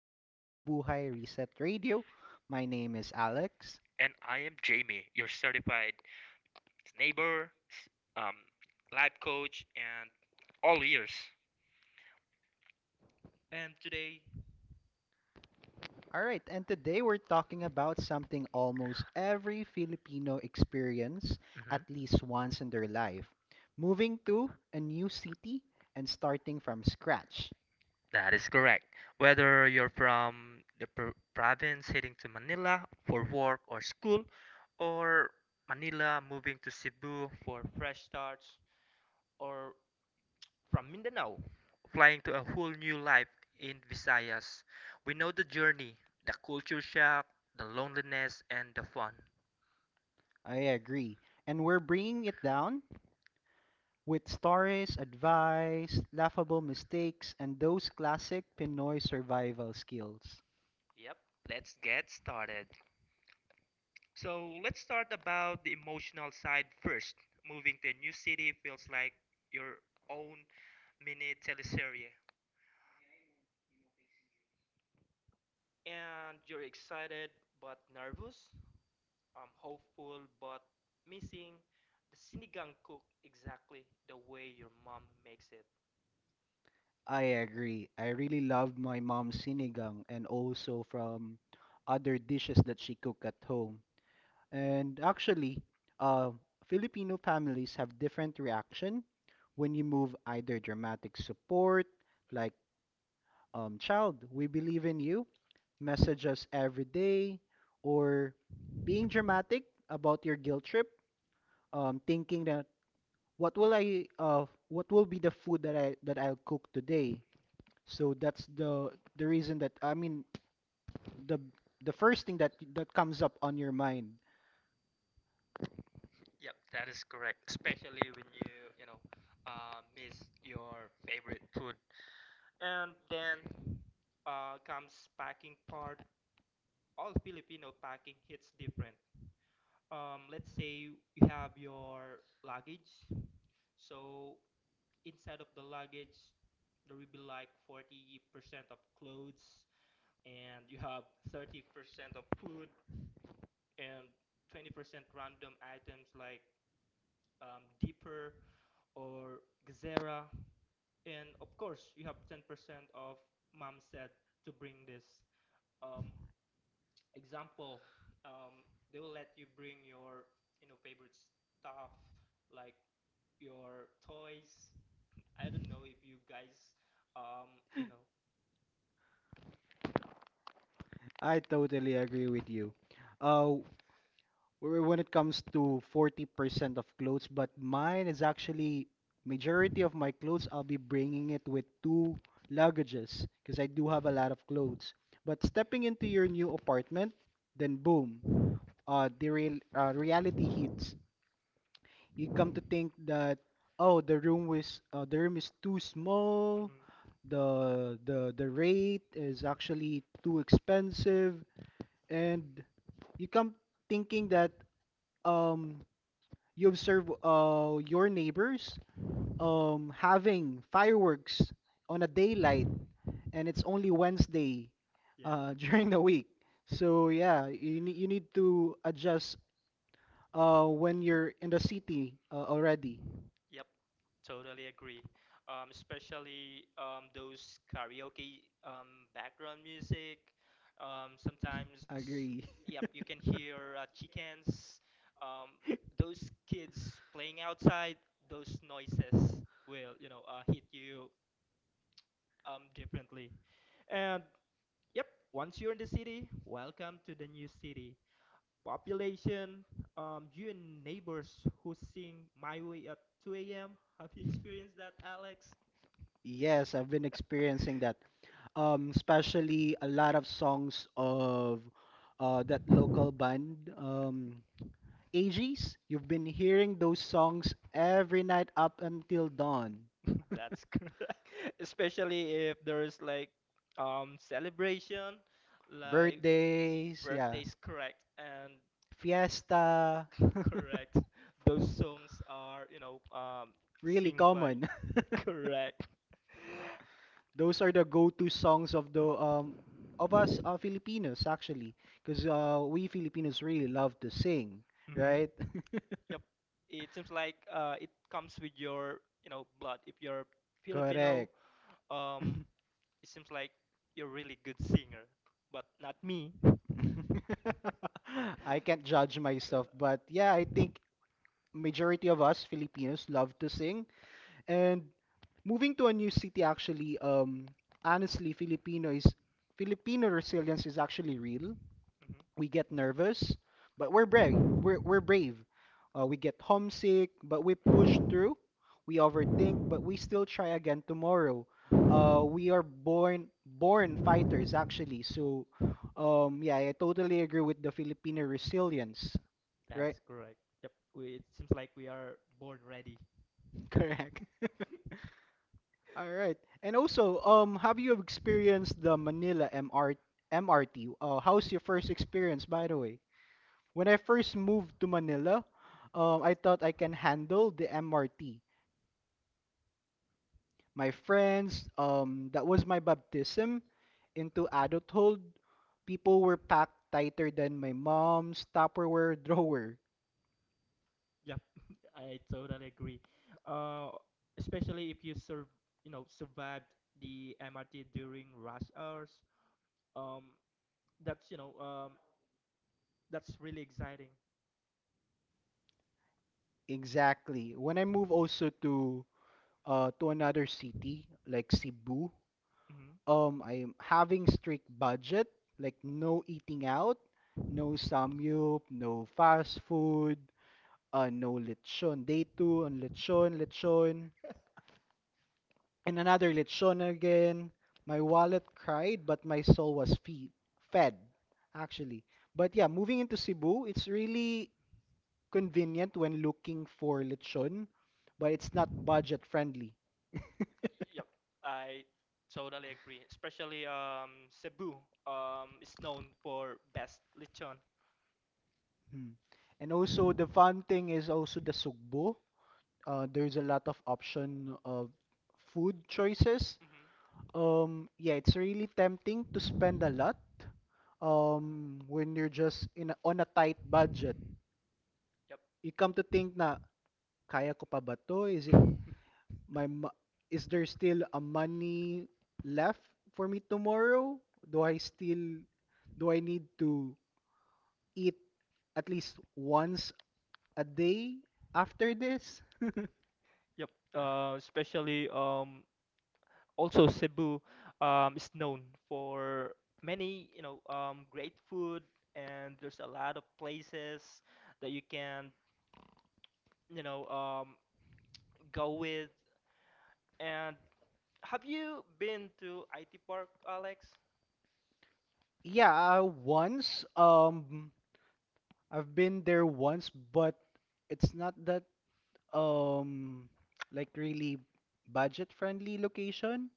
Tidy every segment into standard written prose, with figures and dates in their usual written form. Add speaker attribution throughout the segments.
Speaker 1: back to Buhay Reset Radio. My name is Alex.
Speaker 2: And I am Jamie, your certified neighbor, um, life coach, and all ears. And today,
Speaker 1: All right, and today we're talking about something almost every Filipino experience at
Speaker 2: mhm,
Speaker 1: least once in their life. Moving to a new city and starting from scratch.
Speaker 2: that is correct. Whether you're from the province heading to Manila for work or school, or Manila moving to Cebu for fresh starts, or from Mindanao flying to a whole new life in Visayas, we know the journey, the culture shock, the loneliness, and the fun.
Speaker 1: I agree. And we're bringing it down
Speaker 2: With
Speaker 1: with stories,
Speaker 2: Suarez buys
Speaker 1: advice, laughable
Speaker 2: snackable mistakes,
Speaker 1: mistakes,
Speaker 2: and
Speaker 1: and
Speaker 2: those
Speaker 1: those classic
Speaker 2: classic
Speaker 1: Pinoy
Speaker 2: Pinoy
Speaker 1: survival
Speaker 2: survivors.
Speaker 1: skills.
Speaker 2: Yep, let's get started. So let's start about the emotional side first. Moving to a new city feels like your own mini teleserie. And you're excited but nervous, hopeful but missing the sinigang cooked exactly the way your mom makes it.
Speaker 1: I agree. I really loved my mom's sinigang and also from other dishes that she cooked at home. And actually, uh, Filipino families have different reaction when you move, either dramatic support, like child, we believe in you, message us every day, or being dramatic about your guilt trip, thinking that what will what will be the food that I'll cook today. So that's the reason, that I mean, the the first thing that comes up on your mind.
Speaker 2: Yep, that is correct. Especially when you know, miss your favorite food. And then comes packing part. All Filipino packing hits different. Let's say you have your luggage. So inside of the luggage, there will be like 40% of clothes, and you have 30% of food, and 20% random items like Deeper or gazera. And of course you have 10% of mom said to bring this, um, example, um, they will let you bring your, you know, favorite stuff like your toys. I don't know if you guys, um, you know.
Speaker 1: I totally agree with you. Uh, when it comes to 40% of clothes, but mine is actually majority of my clothes, I'll be bringing it with two luggages because I do have a lot of clothes. But stepping into your new apartment, then boom, the reality hits. You come to think that, oh,
Speaker 2: Oh,
Speaker 1: the
Speaker 2: the room
Speaker 1: room
Speaker 2: was,
Speaker 1: was the room is too
Speaker 2: uh,
Speaker 1: small,
Speaker 2: mhm.
Speaker 1: the rate is actually too expensive, and you come thinking that um you observe your neighbors having fireworks on a daylight, and it's only Wednesday,
Speaker 2: Yeah, uh,
Speaker 1: during
Speaker 2: during
Speaker 1: the
Speaker 2: the week.
Speaker 1: week. So yeah, you need to adjust when you're in the city already.
Speaker 2: Totally agree. Especially those karaoke, background music. Sometimes,
Speaker 1: Agree.
Speaker 2: yep, you can hear chickens, um, those kids playing outside. Those noises will, you know, hit you differently. And yep, once you're in the city, welcome to the new city. Population, you and neighbors who sing "My Way" at 2 a.m. Have you experienced that, Alex?
Speaker 1: Yes, I've been experiencing that. Especially a lot of songs of that local band, AGs. You've been hearing those songs every night up until dawn.
Speaker 2: That's correct. Especially if there's like celebration, like
Speaker 1: Birthdays, yeah.
Speaker 2: birthdays, correct. And
Speaker 1: Fiesta.
Speaker 2: correct. Those songs are, you know,
Speaker 1: Really
Speaker 2: sing by
Speaker 1: common.
Speaker 2: correct.
Speaker 1: Those are the go-to songs of the of us Filipinos, actually, because we Filipinos really love to sing,
Speaker 2: Hmm.
Speaker 1: right?
Speaker 2: Yep. It seems like it comes with your, you know, blood. If you're Filipino,
Speaker 1: Correct.
Speaker 2: um it seems like you're really good singer, but not me.
Speaker 1: I can't judge myself, but yeah, I think majority of us Filipinos love to sing. And moving to a new city actually, honestly, Filipino resilience is actually real.
Speaker 2: Mhm.
Speaker 1: We get nervous, but we're brave. We're brave. We get homesick, but we push through. We overthink, but we still try again tomorrow. We are born fighters, actually. So, yeah, I totally agree with the Filipino resilience. Right?
Speaker 2: That's correct. Yep. We, it seems like we are born ready.
Speaker 1: Correct. All right. And also, have you experienced the Manila MRT MRT? MRT? How's your first experience, by the way? When I first moved to Manila, I thought I can handle the MRT. My friends, that was my baptism into adulthood. People were packed tighter than my mom's Tupperware drawer.
Speaker 2: Yep. I totally agree. Uh, especially if you serve, you know, survived the MRT during rush hours. Um, that's, you know, that's really exciting.
Speaker 1: Exactly. When I moved also to another city like Cebu,
Speaker 2: Hmm.
Speaker 1: I'm having strict budget, like no eating out, no samyup, no fast food. Uh, no lechon. Day two on lechon, lechon, and another lechon again. My wallet cried, but my soul was fed, actually. But yeah, moving into Cebu, it's really convenient when looking for lechon, but it's not budget friendly.
Speaker 2: Yep. I totally agree. Especially Cebu is known for best lechon.
Speaker 1: Mm. And also, the fun thing is also the sugbo. There's a lot of option of food choices.
Speaker 2: Hmm.
Speaker 1: Yeah, it's really tempting to spend a lot, when you're just on a tight budget.
Speaker 2: Yep.
Speaker 1: You come to think na, kaya ko pa ba to? Is it my mo- Is there still a money left for me tomorrow? Do I still do I need to eat at least once a day after this?
Speaker 2: Yep. Especially also Cebu is known for many, you know, great food, and there's a lot of places that you can, you know, go with. And have you been to IT Park, Alex?
Speaker 1: Yeah, once. I've been there once, but it's not that um like really budget friendly location,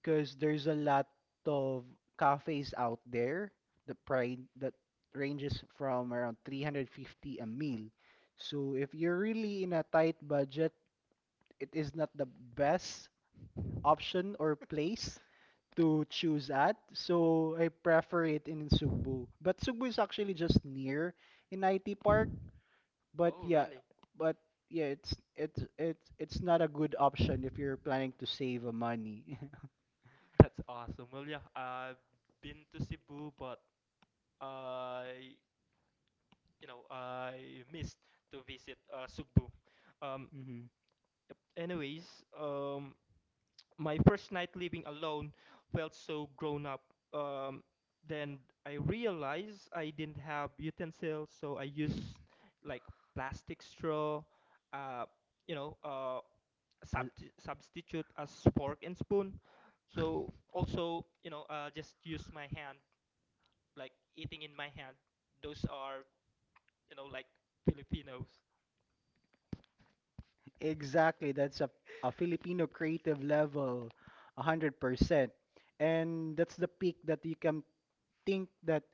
Speaker 1: because there's a lot of cafes out there that ranges from around 350 a meal. So if you're really in a tight budget, it is not the best option or place to choose at. So I prefer it in Sugbu. But Sugbu is actually just near in IT Park. But
Speaker 2: Oh
Speaker 1: yeah,
Speaker 2: really?
Speaker 1: but yeah, it's it's not a good option if you're planning to save money.
Speaker 2: That's awesome. Well yeah, I've been to Cebu but I, you know, I missed to visit Cebu. Um,
Speaker 1: Hmm.
Speaker 2: yep. Anyways, um, my first night living alone felt so grown up. Um, then I realized I didn't have utensils, so I used like plastic straw, uh, you know, subti substitute as fork and spoon. So also, you know, just use my hand, like eating in my hand. Those are, you know, like Filipinos.
Speaker 1: Exactly, that's a Filipino creative level, 100%. And that's the peak that you can think that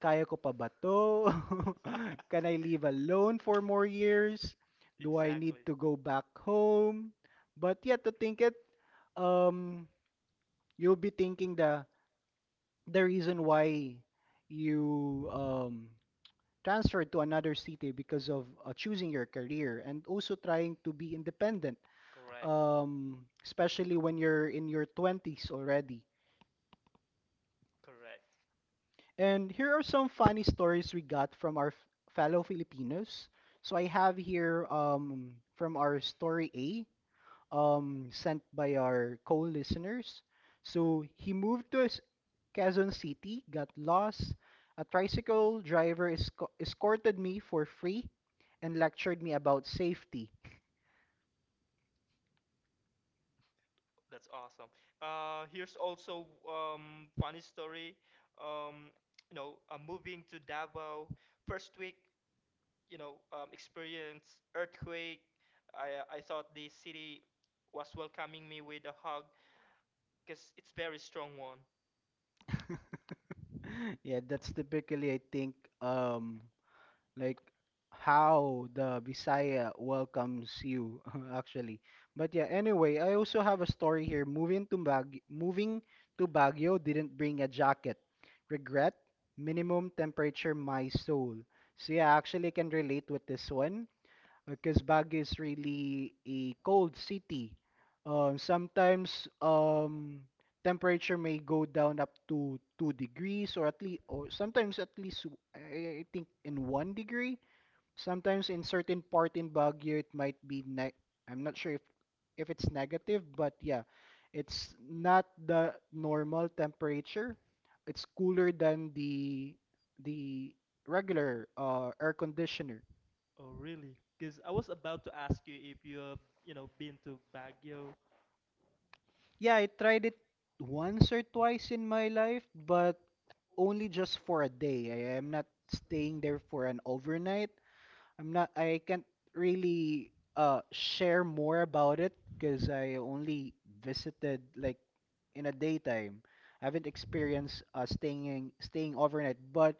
Speaker 1: kaya ko pa ba to? Can I live alone for more years? Do I need
Speaker 2: Exactly.
Speaker 1: to go back home? But yeah, to think it, um, you'll be thinking the reason why you um transferred to another city because of choosing your career and also trying to be independent,
Speaker 2: Correct.
Speaker 1: especially when you're in your 20s already.
Speaker 2: Correct.
Speaker 1: And here are some funny stories we got from our fellow Filipinos. So I have here from our story A, sent by our co-listeners. So he moved to his Quezon City, got lost. A tricycle driver escorted me for free and lectured me about safety.
Speaker 2: That's awesome. Here's also funny story. Um, you know, moving to Davao first week, you know, experienced earthquake. I thought the city was welcoming me with a hug because it's very strong one.
Speaker 1: Yeah, that's typically, I think, um, like how the Visaya welcomes you actually. But yeah, anyway, I also have a story here. Moving to Baguio didn't bring a jacket. Regret, minimum temperature, my soul. So yeah, I actually can relate with this one because Baguio is really a cold city. Sometimes temperature may go down up to 2 degrees, or at least, or sometimes at least I think in one degree. Sometimes in certain part in Baguio, it might be I'm not sure if it's negative, but yeah, it's not the normal temperature. It's cooler than the regular air conditioner.
Speaker 2: Oh, really? Because I was about to ask you if you have, you know, been to Baguio.
Speaker 1: Yeah, I tried it once or twice in my life, but only just for a day. I am not staying there for an overnight. I'm not, I can't really share more about it because I only visited like in a daytime. I haven't experienced staying overnight, but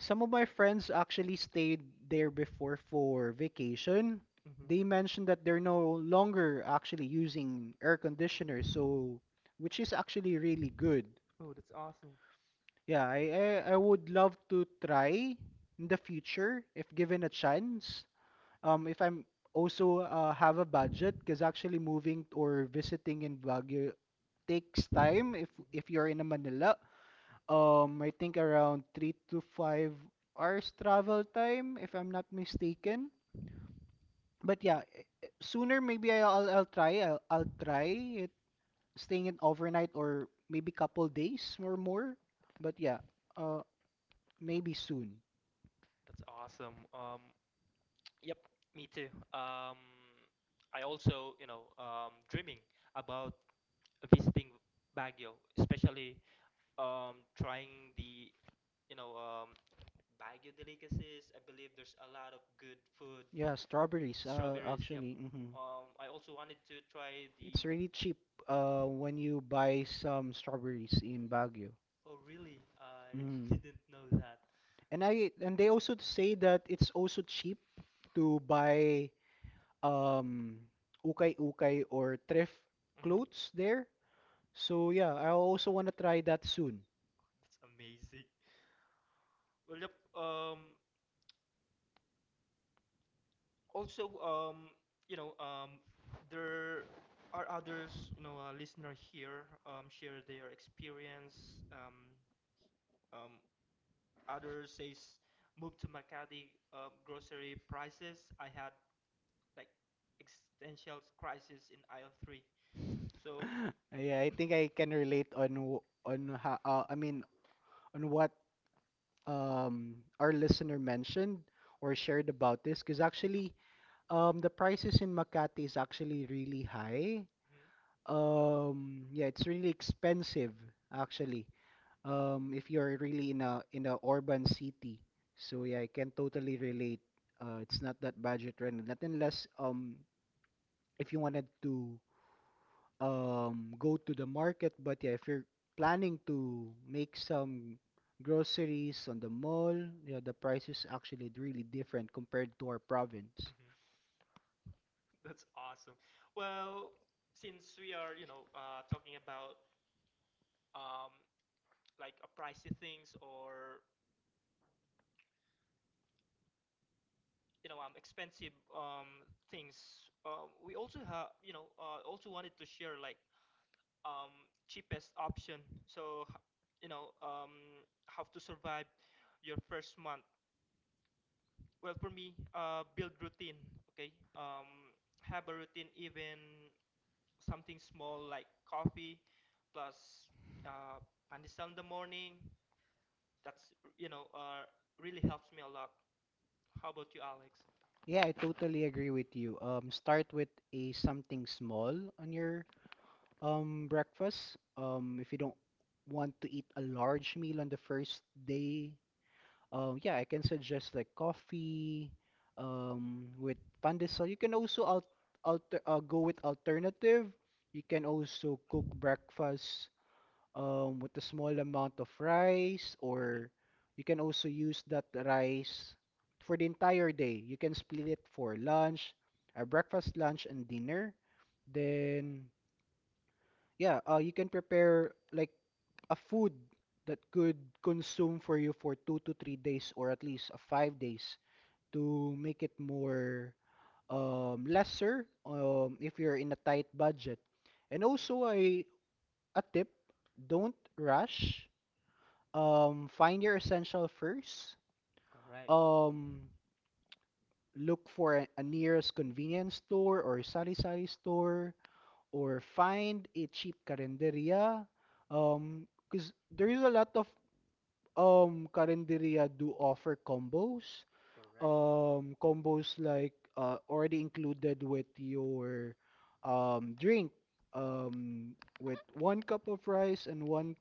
Speaker 1: some of my friends actually stayed there before for vacation.
Speaker 2: Hmm.
Speaker 1: They mentioned that they're no longer actually using air conditioner, so which is actually really good.
Speaker 2: Oh, that's awesome.
Speaker 1: Yeah, I would love to try in the future if given a chance, if I'm also have a budget, because actually moving or visiting in Baguio takes time if you're in a Manila.
Speaker 2: Hmm.
Speaker 1: I think around 3 to 5 hours travel time, if I'm not mistaken. But yeah, sooner maybe I'll try it staying in overnight or maybe couple days or more. But yeah, uh, maybe soon.
Speaker 2: That's awesome. Yep, me too. Um, I also, you know, dreaming about visiting Baguio, especially trying the, you know, Baguio delicacies. I believe there's a lot of good food.
Speaker 1: Yeah, strawberries.
Speaker 2: Strawberries, yep.
Speaker 1: Actually, mm-hmm.
Speaker 2: I also wanted to try
Speaker 1: It's
Speaker 2: the.
Speaker 1: really cheap when you buy some strawberries in Baguio.
Speaker 2: Oh, really? I
Speaker 1: Mm.
Speaker 2: didn't know that.
Speaker 1: And I and they also say that it's also cheap to buy um ukay-ukay or thrift
Speaker 2: Hmm.
Speaker 1: clothes there. So yeah, I also want to try that soon.
Speaker 2: That's amazing. Well, yep. Um, also, you know, there are others, you know, listener here share their experience. Um, others says move to Makati, grocery prices. I had like existential crisis in aisle 3. So,
Speaker 1: I think I can relate on on how I mean on what our listener mentioned or shared about this, because actually the prices in Makati is actually really high.
Speaker 2: mhm,
Speaker 1: Yeah, it's really expensive actually. If you're really in a urban city. So yeah, I can totally relate. It's not that budget friendly. Not unless if you wanted to go to the market, but yeah, if you're planning to make some groceries on the mall, yeah, the price is actually really different compared to our province.
Speaker 2: mhm, that's awesome. Well, since we are, you know, talking about um, like pricey things or, you know, expensive, things. We also have, you know, also wanted to share like um, cheapest option. So you know, how to survive your first month. Well, for me, build routine. Okay, have a routine, even something small like coffee, plus uh, pandesal in the morning. That's, you know, really helps me a lot. How about you, Alex?
Speaker 1: Yeah, I totally agree with you. Start with a something small on your breakfast, if you don't want to eat a large meal on the first day. Um, yeah, I can suggest like coffee, with pandesal. You can also al alter go with alternative. You can also cook breakfast, with a small amount of rice, or
Speaker 2: Mm-hmm.
Speaker 1: you can also use that rice for the entire day. You can split it for lunch, a breakfast, lunch, and dinner. Then yeah, you can prepare like a food that could consume for you for 2 to 3 days, or at least 5 days, to make it more lesser, if you're in a tight budget. And also, a tip, don't rush. Find your essential first.
Speaker 2: Correct.
Speaker 1: Um, look for a nearest convenience store or sari-sari store, or find a cheap carinderia. Because there is a lot of Carinderia do offer combos.
Speaker 2: Correct.
Speaker 1: Combos like already included with your drink. Um, with one cup of rice and one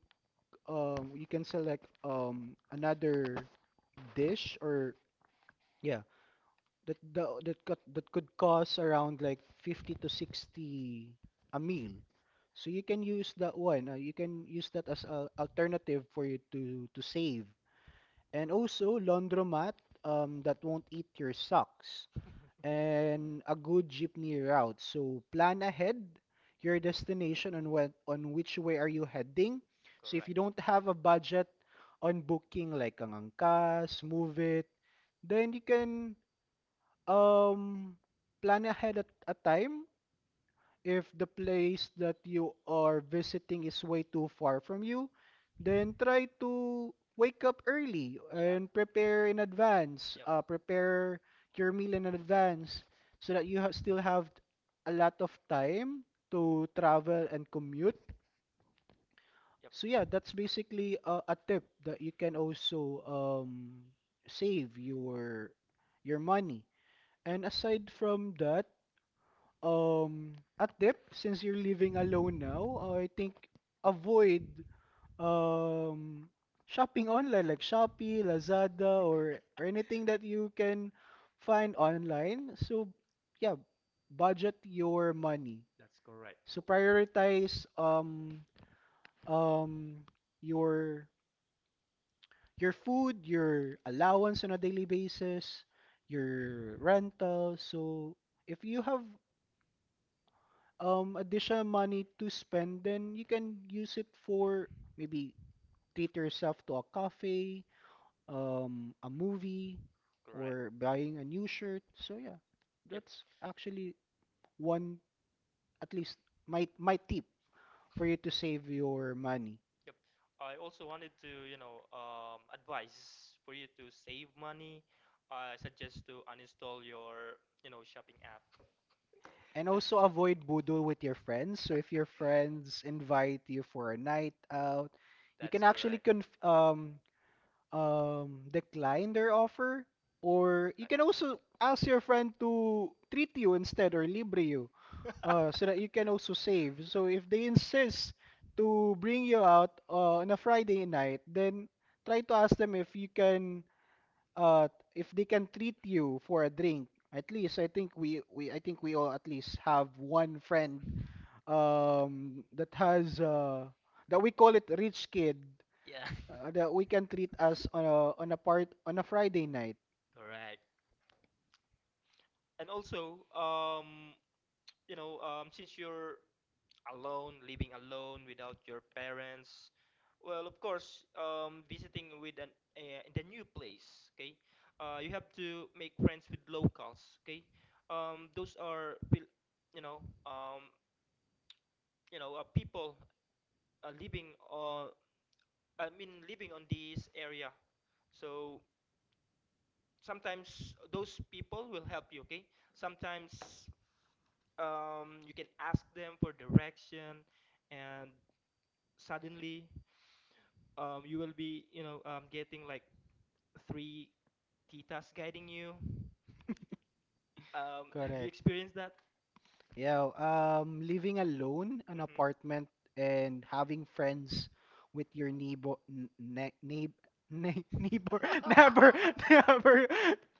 Speaker 1: you can select another dish, or yeah, that the that could cost around like 50 to 60 a meal. So you can use that one. You can use that as a alternative for you to save. And also, laundromat that won't eat your socks. And a good jeepney route. So plan ahead your destination on what on which way are you heading. So if you don't have a budget on booking like ang Angkas, Move It, then you can um, plan ahead at a time. If the place that you are visiting is way too far from you, then try to wake up early
Speaker 2: Yep.
Speaker 1: and prepare in advance.
Speaker 2: Yep.
Speaker 1: Prepare your meal in advance so that you ha still have a lot of time to travel and commute.
Speaker 2: Yep.
Speaker 1: So yeah, that's basically a tip that you can also save your money.
Speaker 2: Yep.
Speaker 1: And aside from that, at dip since you're living alone now, I think avoid um shopping online like Shopee, Lazada, or anything that you can find online. So yeah, budget your money,
Speaker 2: That's correct.
Speaker 1: so
Speaker 2: Oh,
Speaker 1: prioritize um your your food, your allowance on a daily basis, your rental. So if you have additional money to spend, then you can use it for maybe treat yourself to a cafe, a movie,
Speaker 2: correct.
Speaker 1: or buying a new shirt. So yeah,
Speaker 2: Yep,
Speaker 1: that's actually one, at least my my tip for you to save your money.
Speaker 2: yep. I also wanted to, you know, advise for you to save money. I suggest to uninstall your, you know, shopping app.
Speaker 1: And
Speaker 2: That's
Speaker 1: also avoid boodle with your friends. So if your friends invite you for a night out, you can
Speaker 2: that's
Speaker 1: actually
Speaker 2: correct. Right.
Speaker 1: conf decline their offer, or you can also ask your friend to treat you instead or libre you, so that you can also save. So if they insist to bring you out on a Friday night, then try to ask them if you can uh if they can treat you for a drink. At least I think we I think we all at least have one friend that has that we call it rich kid,
Speaker 2: Yeah,
Speaker 1: that we can treat us on a part on a Friday night.
Speaker 2: correct. And also, you know, since you're alone, living alone without your parents. Well, of course, visiting with an in the new place, okay? You have to make friends with locals, okay? Those are you know, um, you know, people living on, I mean, living on this area. So sometimes those people will help you, okay? Sometimes you can ask them for direction, and suddenly you will be, you know, getting like three titas guiding you. Have you
Speaker 1: Correct.
Speaker 2: experienced that?
Speaker 1: Yeah, living alone, an
Speaker 2: Hmm.
Speaker 1: apartment, and having friends with your neighbor, n ne neigh ne neighbor, never, never,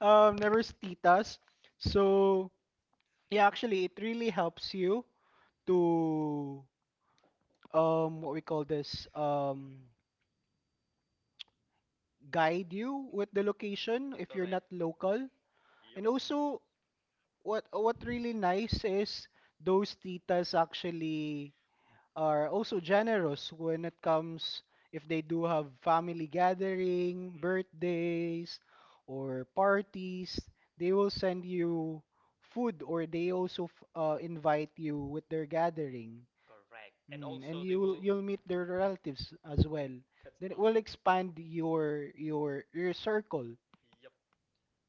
Speaker 1: never titas. So yeah, actually, it really helps you to what we call this, guide you with the location if you're
Speaker 2: Correct.
Speaker 1: not
Speaker 2: Yep.
Speaker 1: local,
Speaker 2: Mhm.
Speaker 1: and also what really nice is those titas actually are also generous when it comes if they do have family gathering, birthdays, or parties, they will send you food, or they also invite you with their gathering.
Speaker 2: Correct. And
Speaker 1: Mm, and
Speaker 2: also, they
Speaker 1: you'll
Speaker 2: will.
Speaker 1: you'll meet their relatives as well.
Speaker 2: That's
Speaker 1: Then it
Speaker 2: on.
Speaker 1: will expand your circle,
Speaker 2: Yep.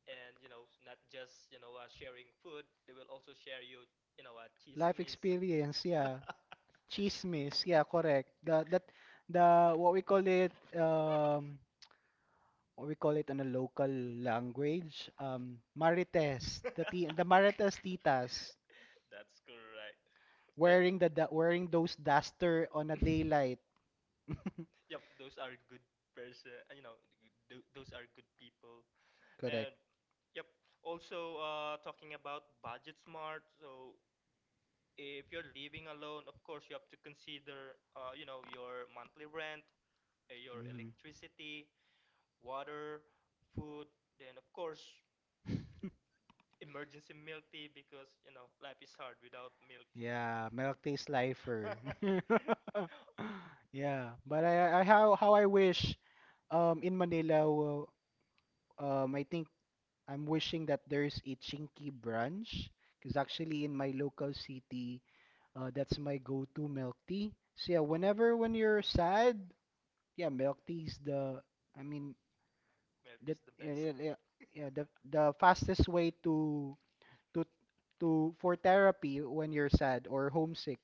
Speaker 2: And you know, not just, you know, sharing food, they will also share you, you know,
Speaker 1: life
Speaker 2: chismis.
Speaker 1: experience, yeah. Chismis, yeah, correct. The that the What we call it what we call it in a local language, um, marites, the ti the marites titas
Speaker 2: That's correct. Uh,
Speaker 1: wearing the wearing those duster on a daylight.
Speaker 2: yep, those are good person, you know, those are good people. And
Speaker 1: Correct.
Speaker 2: yep, also talking about budget smart. So if you're living alone, of course you have to consider, you know, your monthly rent, your
Speaker 1: Mhm.
Speaker 2: electricity, water, food, then of course emergency milk tea, because you know life is hard without milk tea.
Speaker 1: Yeah, milk tastes lifer. Yeah, but I how I wish in Manila I think I'm wishing that there's a Chinky branch, because actually in my local city, that's my go-to milk tea. So yeah,
Speaker 2: Oh.
Speaker 1: whenever when you're sad, yeah, milk tea is the, I mean,
Speaker 2: Milk tea is
Speaker 1: that
Speaker 2: the
Speaker 1: yeah,
Speaker 2: best.
Speaker 1: yeah, yeah, yeah, the fastest way to to for therapy when you're sad or homesick.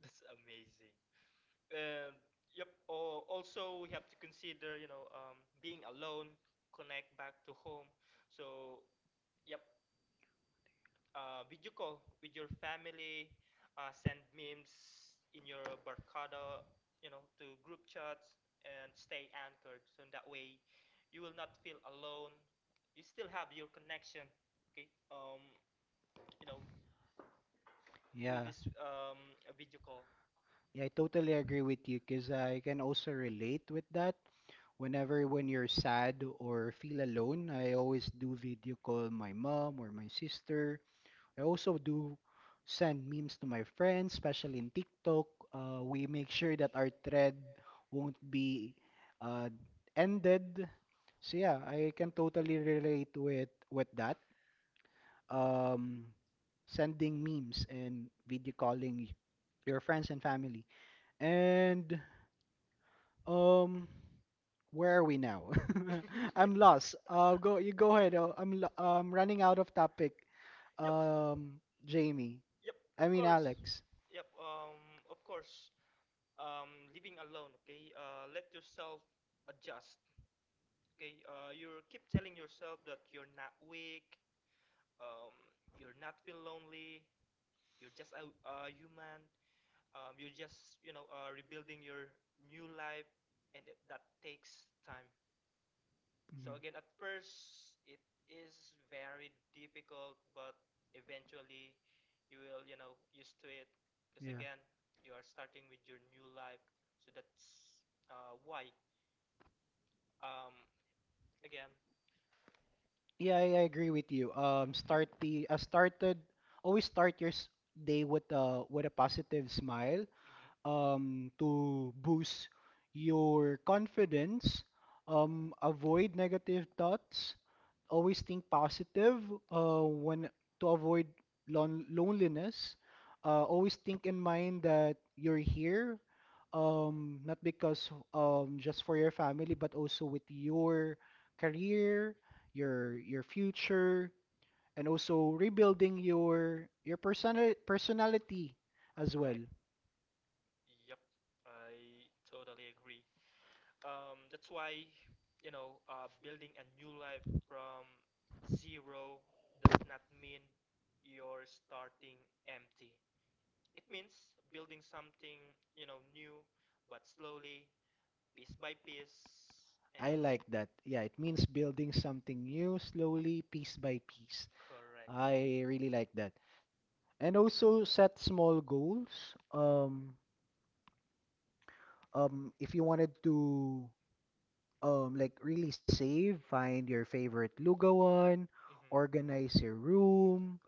Speaker 2: That's amazing. And yep. Oh, also we have to consider, you know, being alone, connect back to home. So yep, video call with your family, send memes in your barcada, you know, to group chats and stay anchored. So in that way, you will not feel alone. You still have your connection, okay? You know, with
Speaker 1: Yeah,
Speaker 2: this video call.
Speaker 1: yeah, I totally agree with you because I can also relate with that. Whenever when you're sad or feel alone, I always do video call my mom or my sister. I also do send memes to my friends, especially in TikTok. We make sure that our thread won't be uh, ended. So yeah, I can totally relate with that. Um, Sending memes and video calling your friends and family. And um, where are we now? I'm lost. Go you go ahead. I'm running out of topic.
Speaker 2: Yep.
Speaker 1: Jamie.
Speaker 2: Yep, of
Speaker 1: I mean
Speaker 2: course.
Speaker 1: Alex.
Speaker 2: Yep, of course. Living alone, okay, let yourself adjust, okay, you keep telling yourself that you're not weak, um, you're not feel lonely, you're just a human, you're just, you know, rebuilding your new life, and it, that takes time. So
Speaker 1: Mhm.
Speaker 2: again, at first it is very difficult, but eventually you will, you know, used to it, because
Speaker 1: Yeah.
Speaker 2: again you are starting with your new life, so that's why. Um, again,
Speaker 1: Yeah, I agree with you. Start the started always start your day with a positive smile.
Speaker 2: mhm,
Speaker 1: To boost your confidence. Avoid negative thoughts, always think positive, when to avoid loneliness. Always think in mind that you're here, not because just for your family, but also with your career, your future, and also rebuilding your personal personality as
Speaker 2: correct.
Speaker 1: well.
Speaker 2: Yep, I totally agree. That's why, you know, building a new life from zero does not mean you're starting empty. It means building something, you know, new, but slowly, piece by piece, and
Speaker 1: I like that. Yeah, it means building something new slowly, piece by piece.
Speaker 2: correct.
Speaker 1: I really like that. And also set small goals. If you wanted to like really save, find your favorite lugawan,
Speaker 2: Mm-hmm.
Speaker 1: organize your room,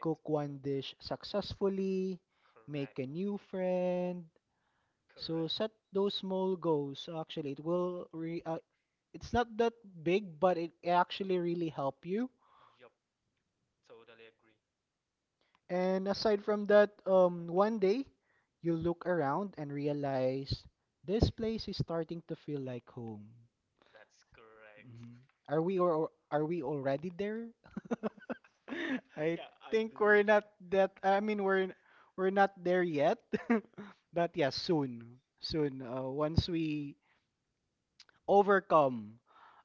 Speaker 1: cook one dish successfully, make a new friend. So
Speaker 2: Correct.
Speaker 1: set those small
Speaker 2: Correct.
Speaker 1: goals. So actually, it will re
Speaker 2: Correct.
Speaker 1: it's not that big, but it actually really help you.
Speaker 2: Yup. Totally agree.
Speaker 1: And aside from that, one day you look around and realize this place is starting to feel like home.
Speaker 2: That's correct.
Speaker 1: Mhm. Are we or are we already there? I
Speaker 2: Yeah, I
Speaker 1: think
Speaker 2: believe
Speaker 1: we're
Speaker 2: so.
Speaker 1: not that. I mean, we're not there yet, but yeah, soon, soon. Once we overcome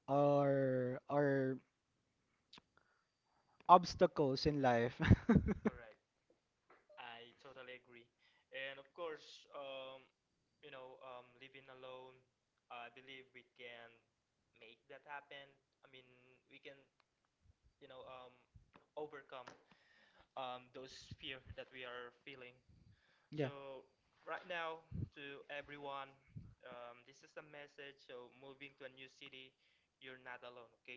Speaker 1: our obstacles in life.
Speaker 2: Correct. I totally agree. And of course, you know, living alone, I believe we can make that happen. I mean, we can, you know, overcome those fear that we are feeling.
Speaker 1: Yeah,
Speaker 2: So right now, to everyone, this is a message. So moving to a new city, you're not alone. Okay?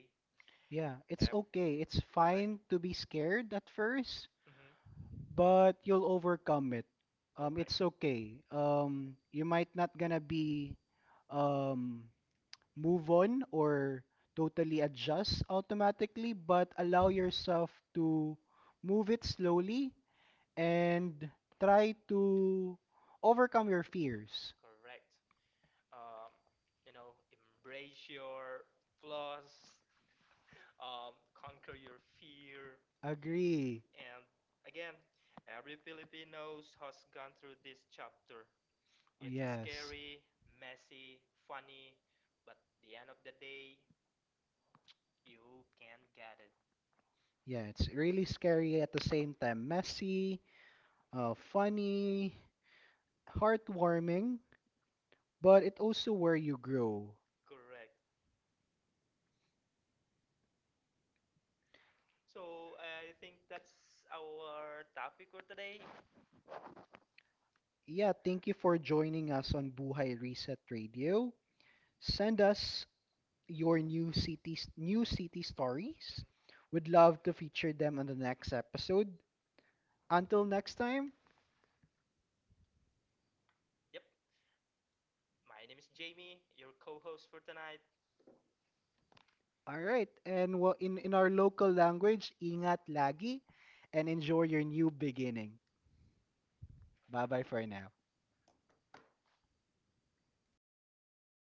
Speaker 1: yeah, it's
Speaker 2: Yep.
Speaker 1: okay. It's
Speaker 2: Correct.
Speaker 1: fine to be scared at first.
Speaker 2: Mm-hmm.
Speaker 1: But you'll overcome it.
Speaker 2: Correct.
Speaker 1: It's okay. You might not gonna be um, move on or totally adjust automatically, but allow yourself to move it slowly and try to overcome your fears.
Speaker 2: Correct. Um, you know, embrace your flaws. Conquer your fear.
Speaker 1: Agree.
Speaker 2: And again, every Filipino has gone through this chapter. It's
Speaker 1: Yes.
Speaker 2: scary, messy, funny, but the end of the day, you can get it.
Speaker 1: Yeah, it's really scary at the same time. Messy, funny, heartwarming, but it also where you grow.
Speaker 2: Correct. So I think that's our topic for today.
Speaker 1: Yeah, thank you for joining us on Buhay Reset Radio. Send us your
Speaker 2: Mhm.
Speaker 1: new cities, new city stories. We'd love to feature them on the next episode. Until next time,
Speaker 2: Yep, my name is Jamie, your co host for tonight.
Speaker 1: all right. And well, in our local language, ingat lagi, and enjoy your new beginning. Bye-bye for now.